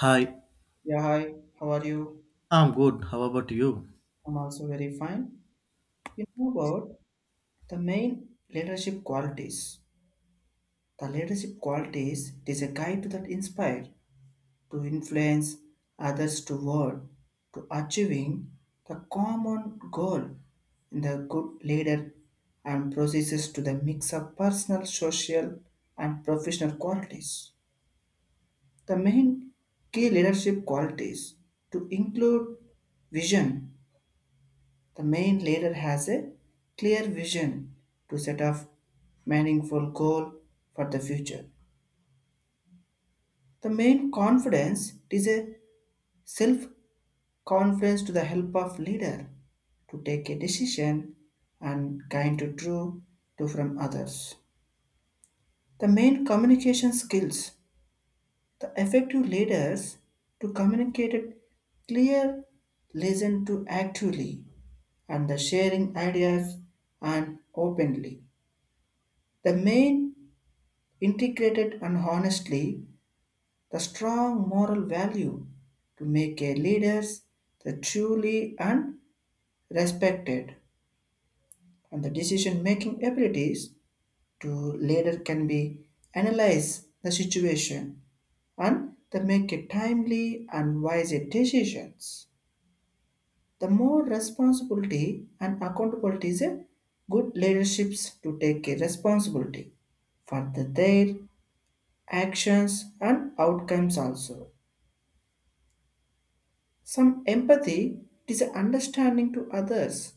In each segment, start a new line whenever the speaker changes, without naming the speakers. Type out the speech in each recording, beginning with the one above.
Hi,
Yeah, hi, how are you?
I'm good. How about you?
I'm also very fine. You know about the main leadership qualities. The leadership qualities it is a guide to that inspire, to influence others toward, to achieving the common goal in the good leader and processes to the mix of personal, social, and professional qualities. The main key leadership qualities to include vision. The main leader has a clear vision to set up meaningful goal for the future. The main confidence is a self-confidence to the help of leader to take a decision and kind to true to from others. The main communication skills. The effective leaders to communicate a clear listen to actively and the sharing ideas and openly. The main integrated and honestly the strong moral value to make a leaders the truly and respected and the decision making abilities to leader can be analyze the situation and they make a timely and wise decisions the more responsibility and accountability is a good leaderships to take a responsibility for their actions and outcomes also. Some empathy is an understanding to others,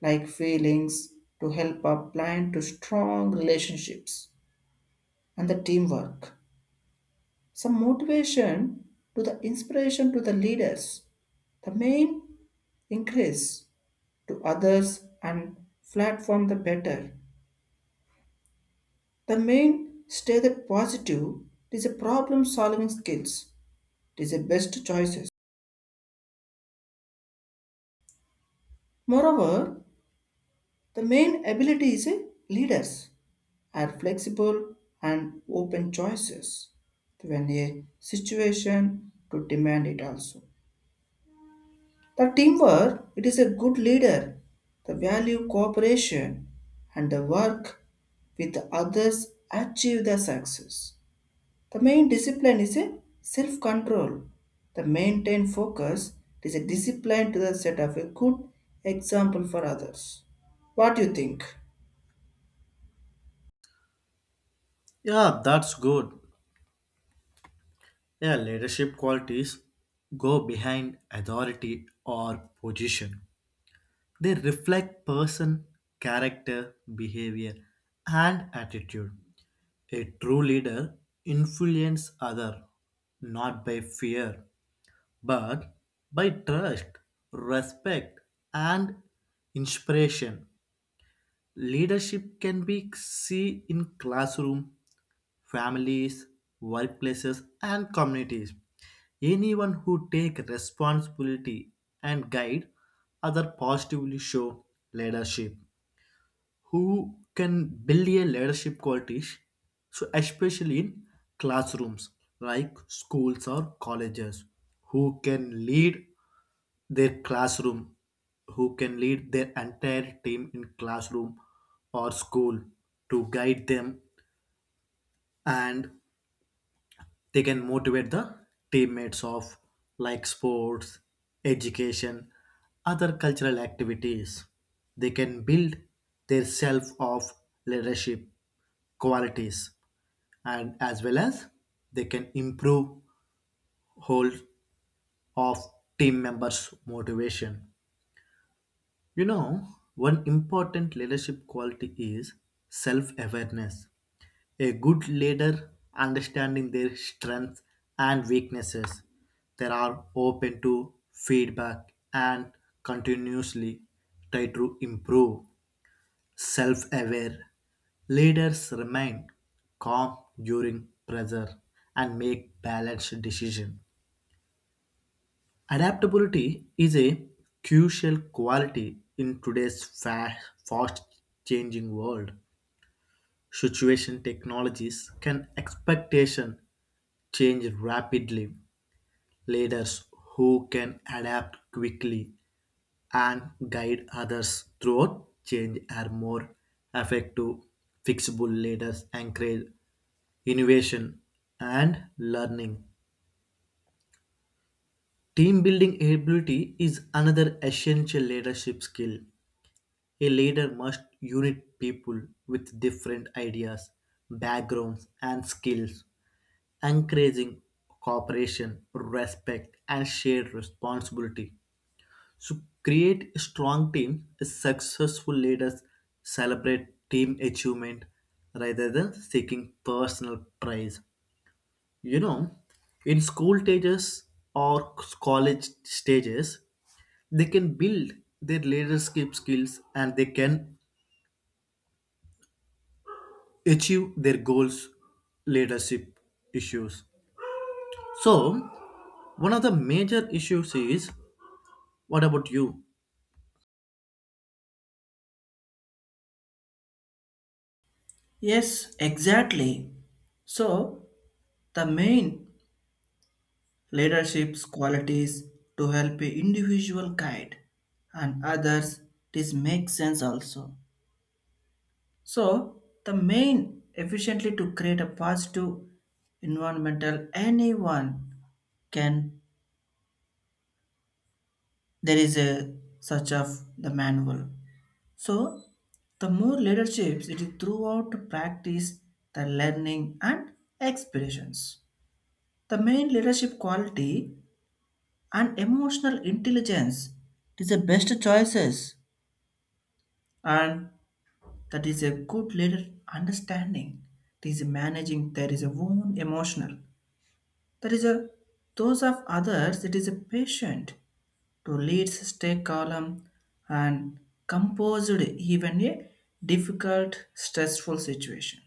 like feelings to help up blind to strong relationships and the teamwork. Some motivation to the inspiration to the leaders. The main increase to others and platform the better. The main stay the positive is a problem solving skills. It is the best choices. Moreover, the main ability is a leaders are flexible and open choices when a situation to demand it also. The teamwork, it is a good leader, the value cooperation and the work with others achieve the success. The main discipline is a self-control. The maintain focus is a discipline to the set of a good example for others. What do you think?
Yeah, that's good. Yeah, leadership qualities go behind authority or position. They reflect person, character, behavior, and attitude. A true leader influences other not by fear but by trust, respect, and inspiration. Leadership can be seen in classroom, families, workplaces, and communities. Anyone who take responsibility and guide other positively show leadership who can build a leadership qualities so especially in classrooms like schools or colleges who can lead their classroom who can lead their entire team in classroom or school to guide them and they can motivate the teammates of like sports education other cultural activities they can build their self of leadership qualities and as well as they can improve whole of team members motivation you know one important leadership quality is self awareness a good leader understanding their strengths and weaknesses. They are open to feedback and continuously try to improve. Self aware leaders remain calm during pressure and make balanced decisions. Adaptability is a crucial quality in today's fast changing world. Situation technologies can expectation change rapidly. Leaders who can adapt quickly and guide others throughout change are more effective. Fixable leaders encourage innovation and learning. Team building ability is another essential leadership skill. A leader must unite people with different ideas, backgrounds, and skills, encouraging cooperation, respect, and shared responsibility. So, create a strong team. Successful leaders celebrate team achievement rather than seeking personal praise. You know, in school stages or college stages, they can build their leadership skills and they can achieve their goals, leadership issues. So, one of the major issues is what about you?
Yes, exactly. So, the main leadership's qualities to help a individual guide and others this makes sense also. So the main efficiently to create a positive environmental anyone can, there is a such of the manual. So the more leaderships it is throughout to practice the learning and experience. The main leadership quality and emotional intelligence is the best choices and that is a good leader understanding it is managing there is a own emotional, there is a those of others it is a patient to lead stay calm and composed even a difficult stressful situation.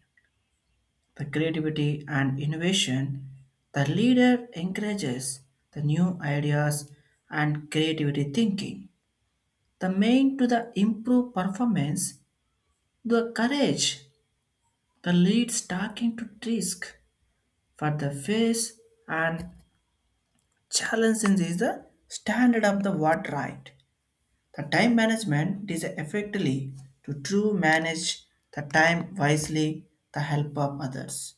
The creativity and innovation, the leader encourages the new ideas and creativity thinking. The main to the improve performance, the courage, the leads talking to risk for the face and challenging is the standard of the what right. The time management is effectively to true manage the time wisely, the help of others.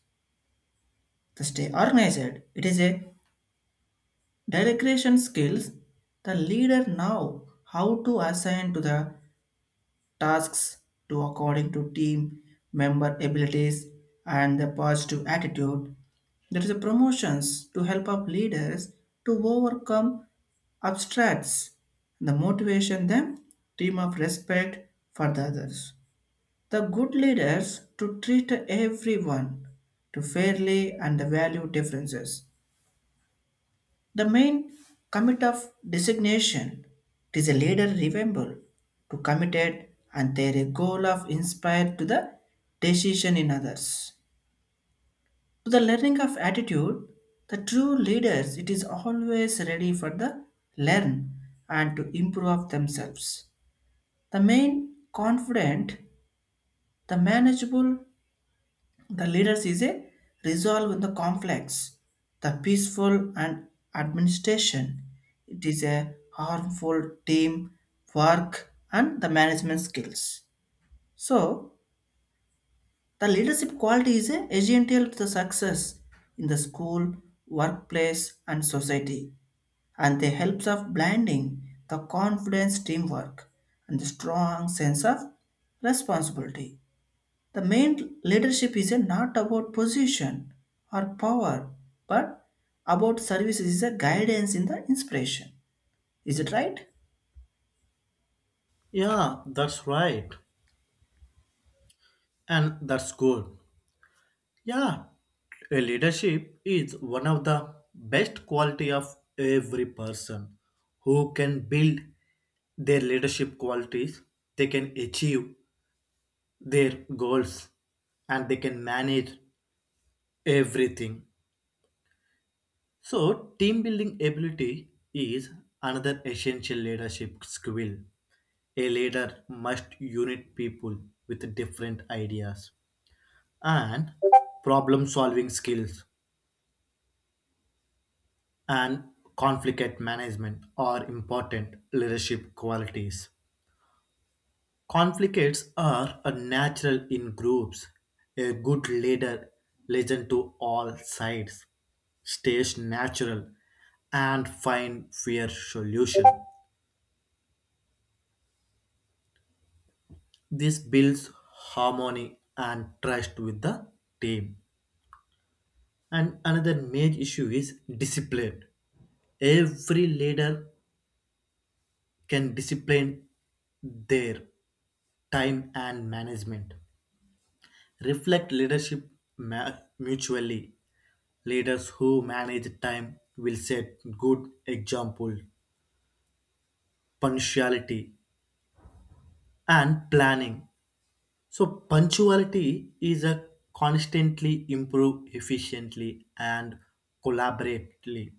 To stay organized, it is a delegation skills the leader now how to assign to the tasks to according to team member abilities and the positive attitude. There is a promotions to help up leaders to overcome obstacles. The motivation them team of respect for the others. The good leaders to treat everyone to fairly and value differences. The main commit of designation it is a leader remember to committed and their goal of inspire to the decision in others. To the learning of attitude, the true leaders it is always ready for the learn and to improve themselves. The main confident, the manageable. The leaders is a resolve in the conflicts, the peaceful and administration. It is a harmful team work and the management skills. So the leadership quality is a essential to the success in the school, workplace, and society, and they helps of blending the confidence, teamwork, and the strong sense of responsibility. The main leadership is a not about position or power, but about service is a guidance in the inspiration. Is it right?
Yeah, that's right. And that's good. Yeah, a leadership is one of the best quality of every person who can build their leadership qualities, they can achieve their goals and they can manage everything. So, team building ability is another essential leadership skill. A leader must unite people with different ideas and problem solving skills and conflict management are important leadership qualities. Conflicts are a natural in groups. A good leader listens to all sides, stays natural, and find fair solution. This builds harmony and trust with the team. And another major issue is discipline. Every leader can discipline their time and management. Reflect leadership mutually. Leaders who manage time will set good example, punctuality, and planning. So punctuality is a constantly improve efficiently and collaboratively.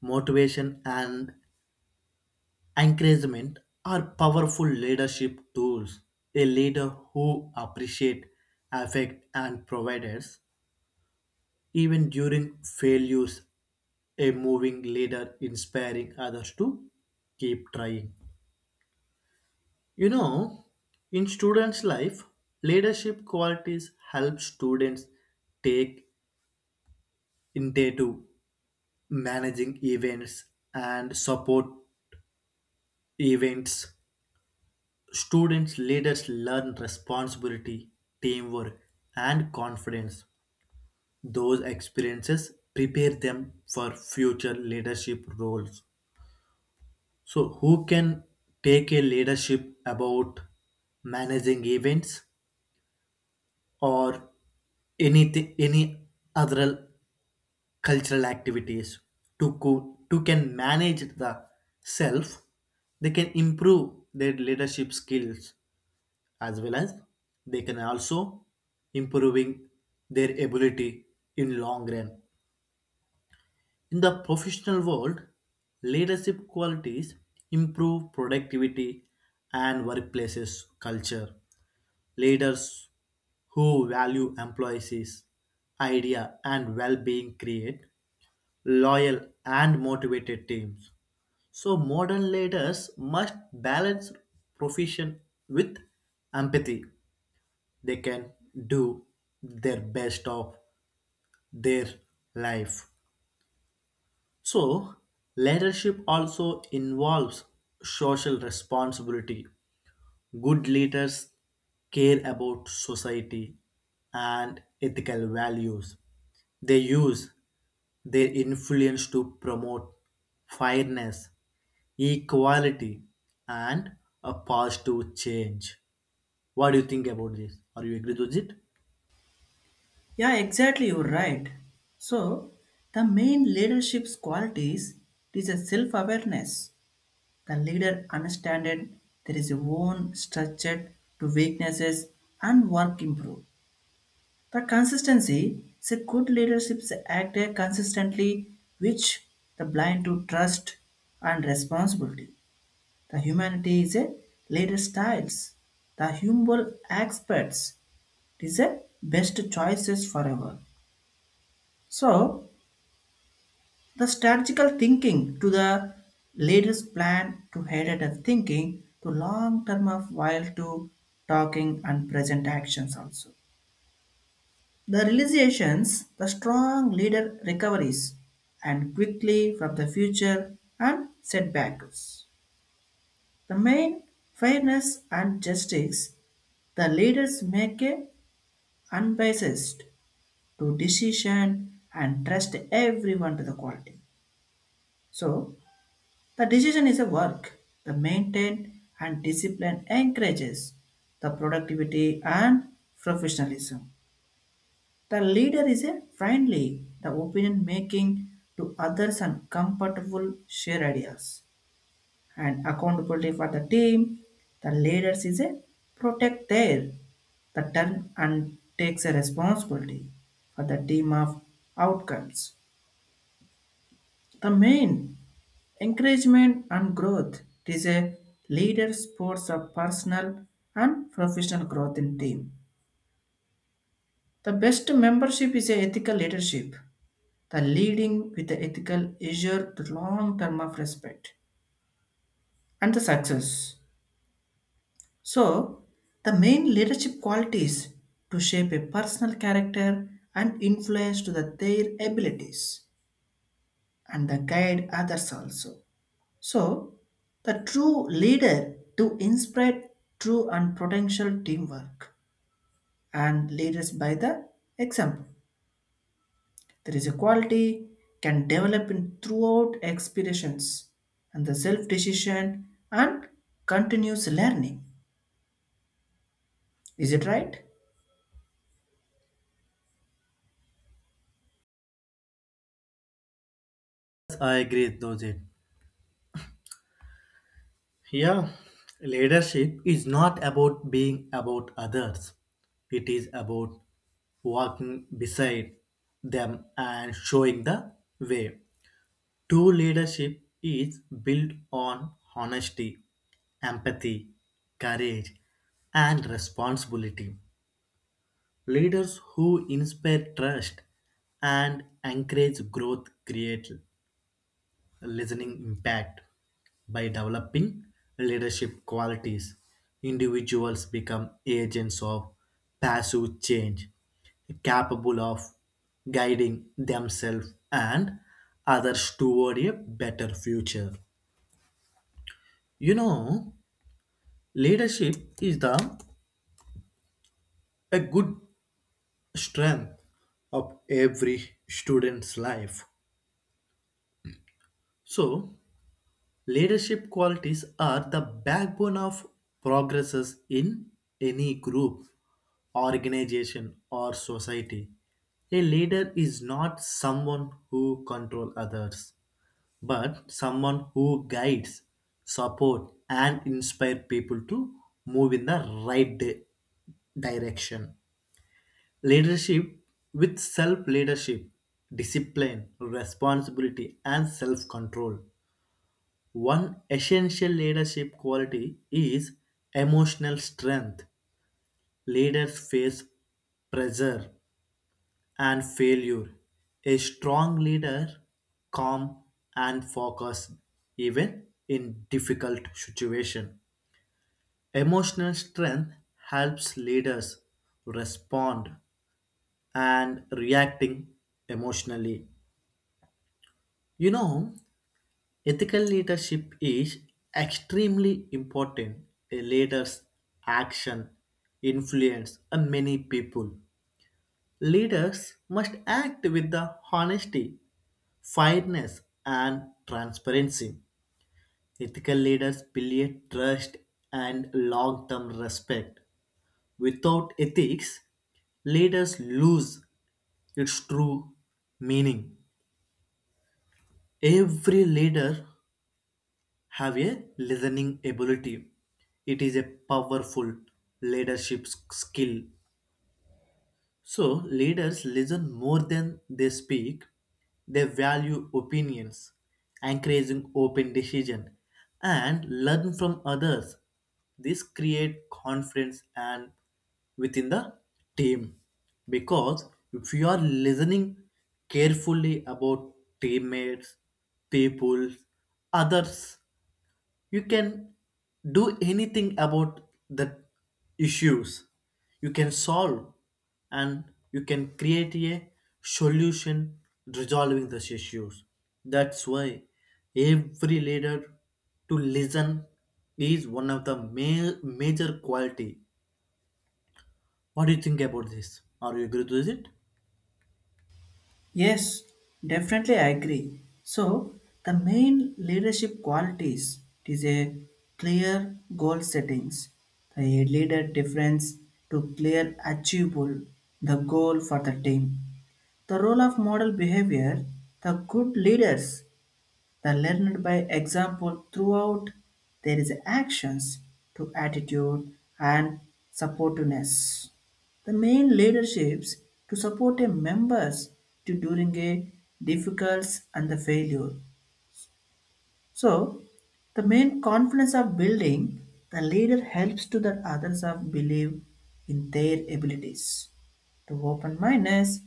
Motivation and encouragement are powerful leadership tools. A leader who appreciate affect and providers even during failures a moving leader inspiring others to keep trying. You know, in students life leadership qualities help students take into managing events and support events. Students leaders learn responsibility, teamwork, and confidence. Those experiences prepare them for future leadership roles. So, who can take a leadership about managing events or anything, any other cultural activities to can manage the self they can improve their leadership skills as well as they can also improving their ability in long run in the professional world leadership qualities improve productivity and workplaces culture. Leaders who value employees' idea and well-being create loyal and motivated teams. So modern leaders must balance profession with empathy. They can do their best of their life. So leadership also involves social responsibility. Good leaders care about society and ethical values. They use their influence to promote fairness, equality, and a positive change. What do you think about this? Are you agree with it?
Yeah, exactly. You're right. So, the main leadership's qualities is a self-awareness. The leader understands there is a own structure to weaknesses and work improve. The consistency is a good leadership act consistently which the blind to trust and responsibility. The humanity is a leader styles. The humble experts is a best choices forever. So the strategical thinking to the leader's plan to headed of thinking to long term of while to talking and present actions also. The realizations, the strong leader recoveries and quickly from the future and setbacks. The main fairness and justice, the leaders make a unbiased to decision and trust everyone to the quality. So the decision is a work, the maintain and discipline encourages the productivity and professionalism. The leader is a friendly, the opinion making to others and comfortable share ideas and accountability for the team. The leaders is a protect their the turn and takes a responsibility for the team of outcomes. The main encouragement and growth is a leader sports of personal and professional growth in team. The best membership is a ethical leadership the leading with the ethical issue the long term of respect and the success. So, the main leadership qualities to shape a personal character and influence to their abilities and the guide others also. So, the true leader to inspire true and potential teamwork and leaders by the example. There is a quality can develop in throughout expirations and the self decision and continuous learning. Is it right?
I agree with it. Yeah, leadership is not about being about others. It is about walking beside them and showing the way. True leadership is built on honesty, empathy, courage, and responsibility. Leaders who inspire trust and encourage growth create listening impact by developing leadership qualities individuals become agents of passive change capable of guiding themselves and others toward a better future. You know, leadership is the a good strength of every student's life. So Leadership qualities are the backbone of progresses in any group, organization, or society. A leader is not someone who controls others, but someone who guides, support, and inspire people to move in the right direction. Leadership with self leadership, discipline, responsibility, and self control one essential leadership quality is emotional strength. Leaders face pressure and failure. A strong leader, calm and focused, even in difficult situations. Emotional strength helps leaders respond and reacting emotionally. You know, Ethical leadership is extremely important. A leader's action influence a many people. Leaders must act with the honesty, fairness, and transparency. Ethical leaders build trust and long-term respect. Without ethics, leaders lose its true meaning. Every leader have a listening ability. It is a powerful leadership skill. So, leaders listen more than they speak. They value opinions, encouraging open decision, and learn from others. This create confidence and within the team because if you are listening carefully about teammates, people, others you can do anything about the issues you can solve and you can create a solution resolving those issues that's why every leader to listen is one of the major quality. What do you think about this? Are you agree with it?
Yes, definitely I agree. So, the main leadership qualities is a clear goal settings. The leader difference to clear achievable the goal for the team. The role of model behavior, the good leaders they learned by example throughout. There is actions to attitude and supportiveness. The main leaderships to support a members to during a difficult and the failure. So the main confidence of building the leader helps to the others of believe in their abilities to open minus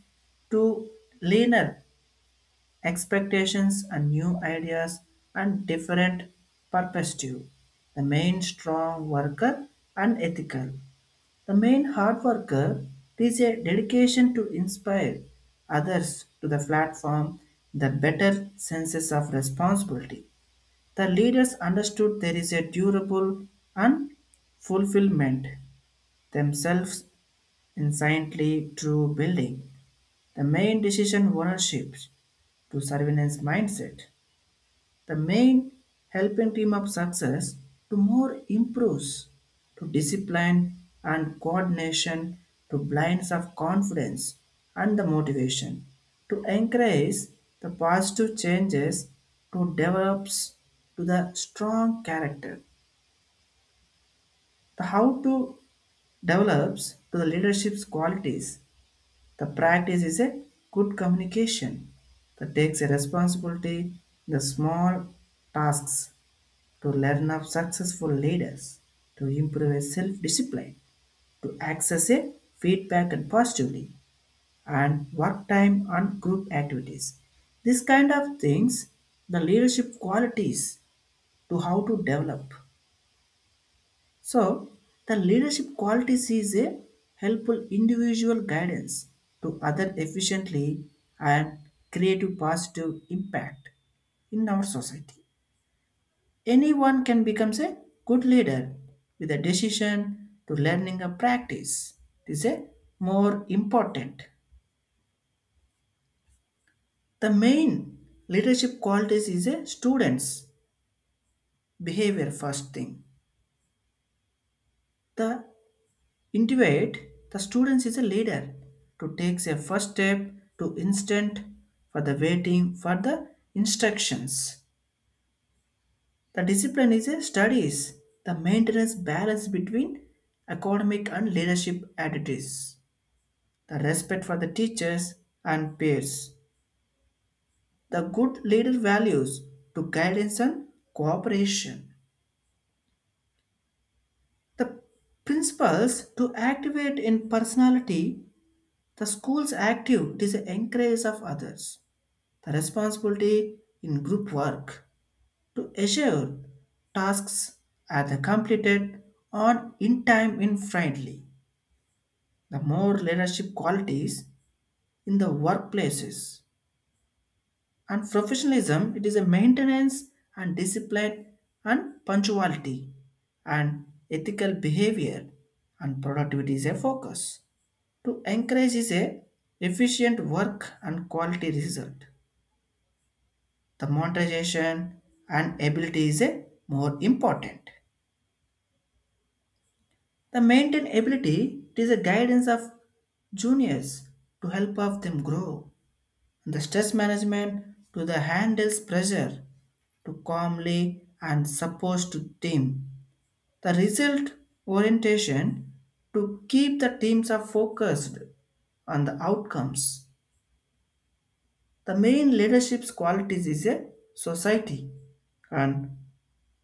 to leaner expectations and new ideas and different perspective. The main strong worker and ethical. The main hard worker is a dedication to inspire others to the platform, the better senses of responsibility. The leaders understood there is a durable and fulfillment themselves in silently true building. The main decision ownership to surveillance mindset. The main helping team of success to more improves to discipline and coordination to blinds of confidence and the motivation to encourage the positive changes to develops to the strong character. The how to develops to the leadership's qualities. The practice is a good communication that takes a responsibility in the small tasks to learn of successful leaders, to improve a self-discipline, to access a feedback and positively, and work time and group activities. This kind of things, the leadership qualities to how to develop. So the leadership qualities is a helpful individual guidance to other efficiently and creative positive impact in our society. Anyone can become a good leader with a decision to learning and practice. This is a more important. The main leadership qualities is a student's behavior first thing. The individuate, the students is a leader to takes a first step to instant for the waiting for the instructions. The discipline is a studies, the maintenance balance between academic and leadership attitudes, the respect for the teachers and peers, the good leader values to guidance and cooperation, the principles to activate in personality, the school's active it is the encourage of others, the responsibility in group work to assure tasks are the completed on in time in friendly, the more leadership qualities in the workplaces. And professionalism, it is a maintenance and discipline and punctuality and ethical behavior and productivity is a focus. To encourage is a efficient work and quality result. The monetization and ability is a more important. The maintain ability it is a guidance of juniors to help of them grow, the stress management to the handles pressure to calmly and supposed to team. The result orientation to keep the teams are focused on the outcomes. The main leadership's qualities is a society and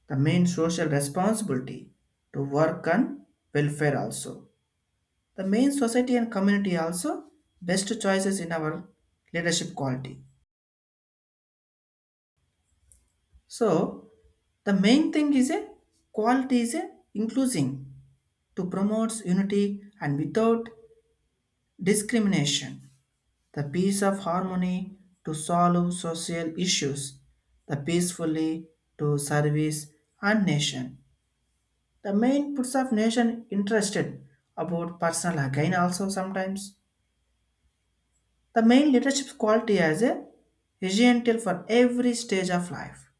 the main social responsibility to work on welfare also. The main society and community also best choices in our leadership quality. So the main thing is a quality is a inclusion to promote unity and without discrimination, the peace of harmony to solve social issues, the peacefully to service and nation. The main puts of nation interested about personal gain also sometimes. The main leadership quality as a essential for every stage of life,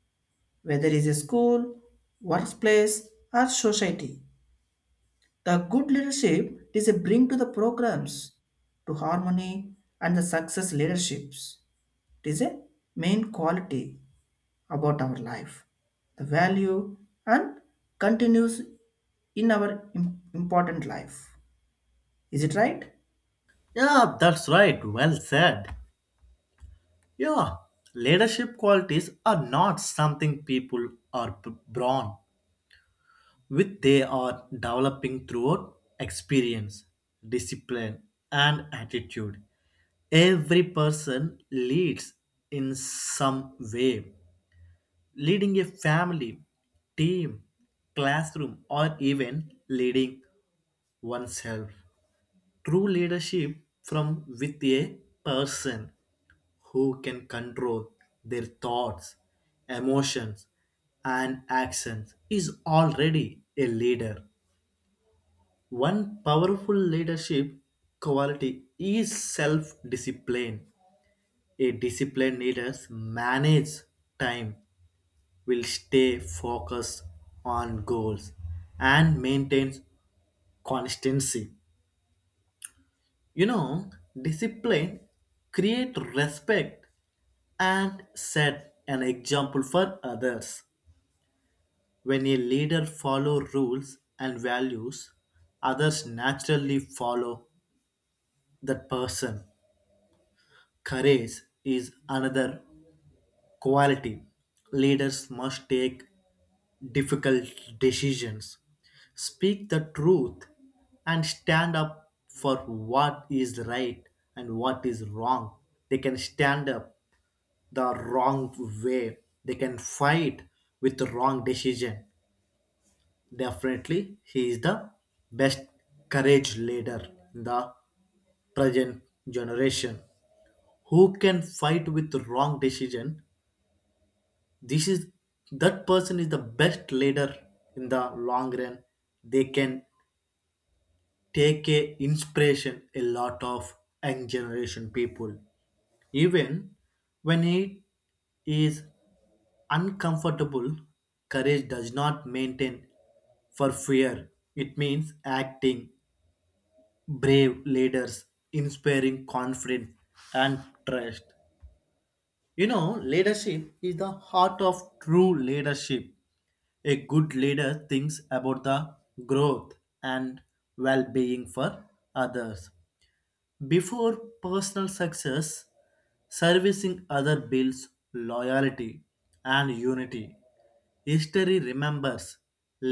whether it is a school, workplace, or society. The good leadership is a bring to the programs, to harmony and the success leaderships. It is a main quality about our life. The value and continues in our im- important life. Is it right?
Yeah, that's right. Well said. Yeah, leadership qualities are not something people are born which they are developing throughout experience, discipline, and attitude. Every person leads in some way, leading a family, team, classroom, or even leading oneself. True leadership from with a person who can control their thoughts, emotions, and actions is already a leader. One powerful leadership quality is self discipline. A disciplined leader manages time, will stay focused on goals, and maintains consistency. You know, discipline create respect and set an example for others. When a leader follow rules and values, others naturally follow that person. Courage is another quality. Leaders must take difficult decisions, speak the truth, and stand up for what is right and what is wrong. They can stand up the wrong way, they can fight with the wrong decision. Definitely, he is the best courage leader in the present generation who can fight with wrong decision this is that person is the best leader in the long run they can take a inspiration a lot of young generation people even when it is uncomfortable courage does not maintain for fear it means acting brave leaders inspiring confidence and trust. You know, leadership is the heart of true leadership. A good leader thinks about the growth and well being for others. Before personal success, servicing other builds loyalty and unity. History remembers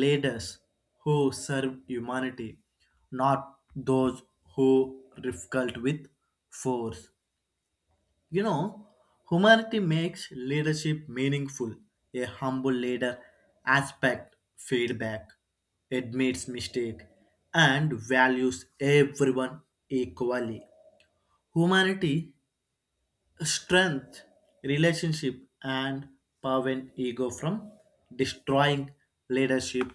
leaders who served humanity, not those who difficult with force. You know, humanity makes leadership meaningful. A humble leader aspect feedback, admits mistake, and values everyone equally. Humanity strength, relationship, and prevent ego from destroying leadership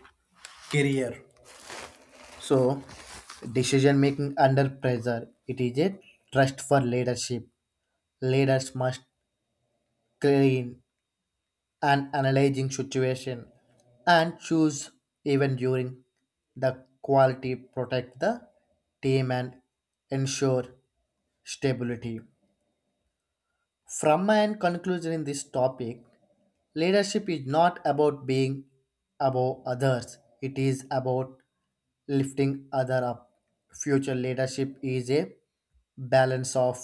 career. So, decision making under pressure. It is a trust for leadership. Leaders must clean and analyzing situation and choose even during the quality protect the team and ensure stability from my end conclusion in this topic leadership is not about being above others it is about lifting other up future leadership is a balance of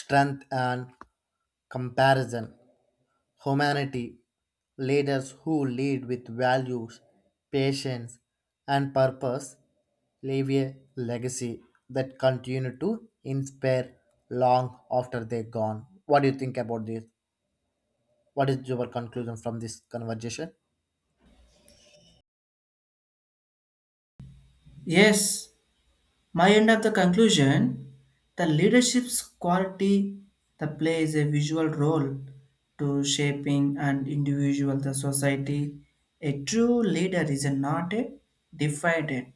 strength and comparison humanity, leaders who lead with values, patience, and purpose leave a legacy that continue to inspire long after they're gone. What do you think about this? What is your conclusion from this conversation?
Yes, my end of the conclusion the leadership's quality that plays a visual role to shaping an individual the society. A true leader is not a defined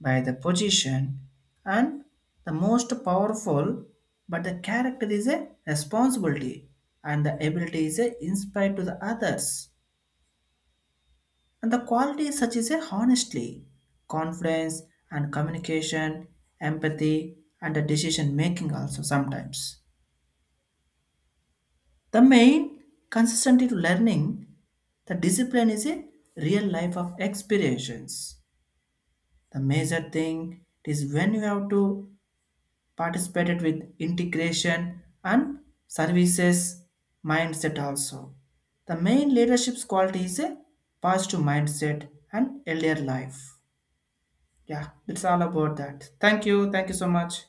by the position and the most powerful, but the character is a responsibility and the ability is a inspired to the others. And the qualities such as a honestly, confidence and communication, empathy and a decision making also sometimes. The main consistency to learning, the discipline is a real life of experience. The major thing is when you have to participate it with integration and services mindset also. The main leadership's quality is a positive mindset and earlier life. Yeah, it's all about that. Thank you. Thank you so much.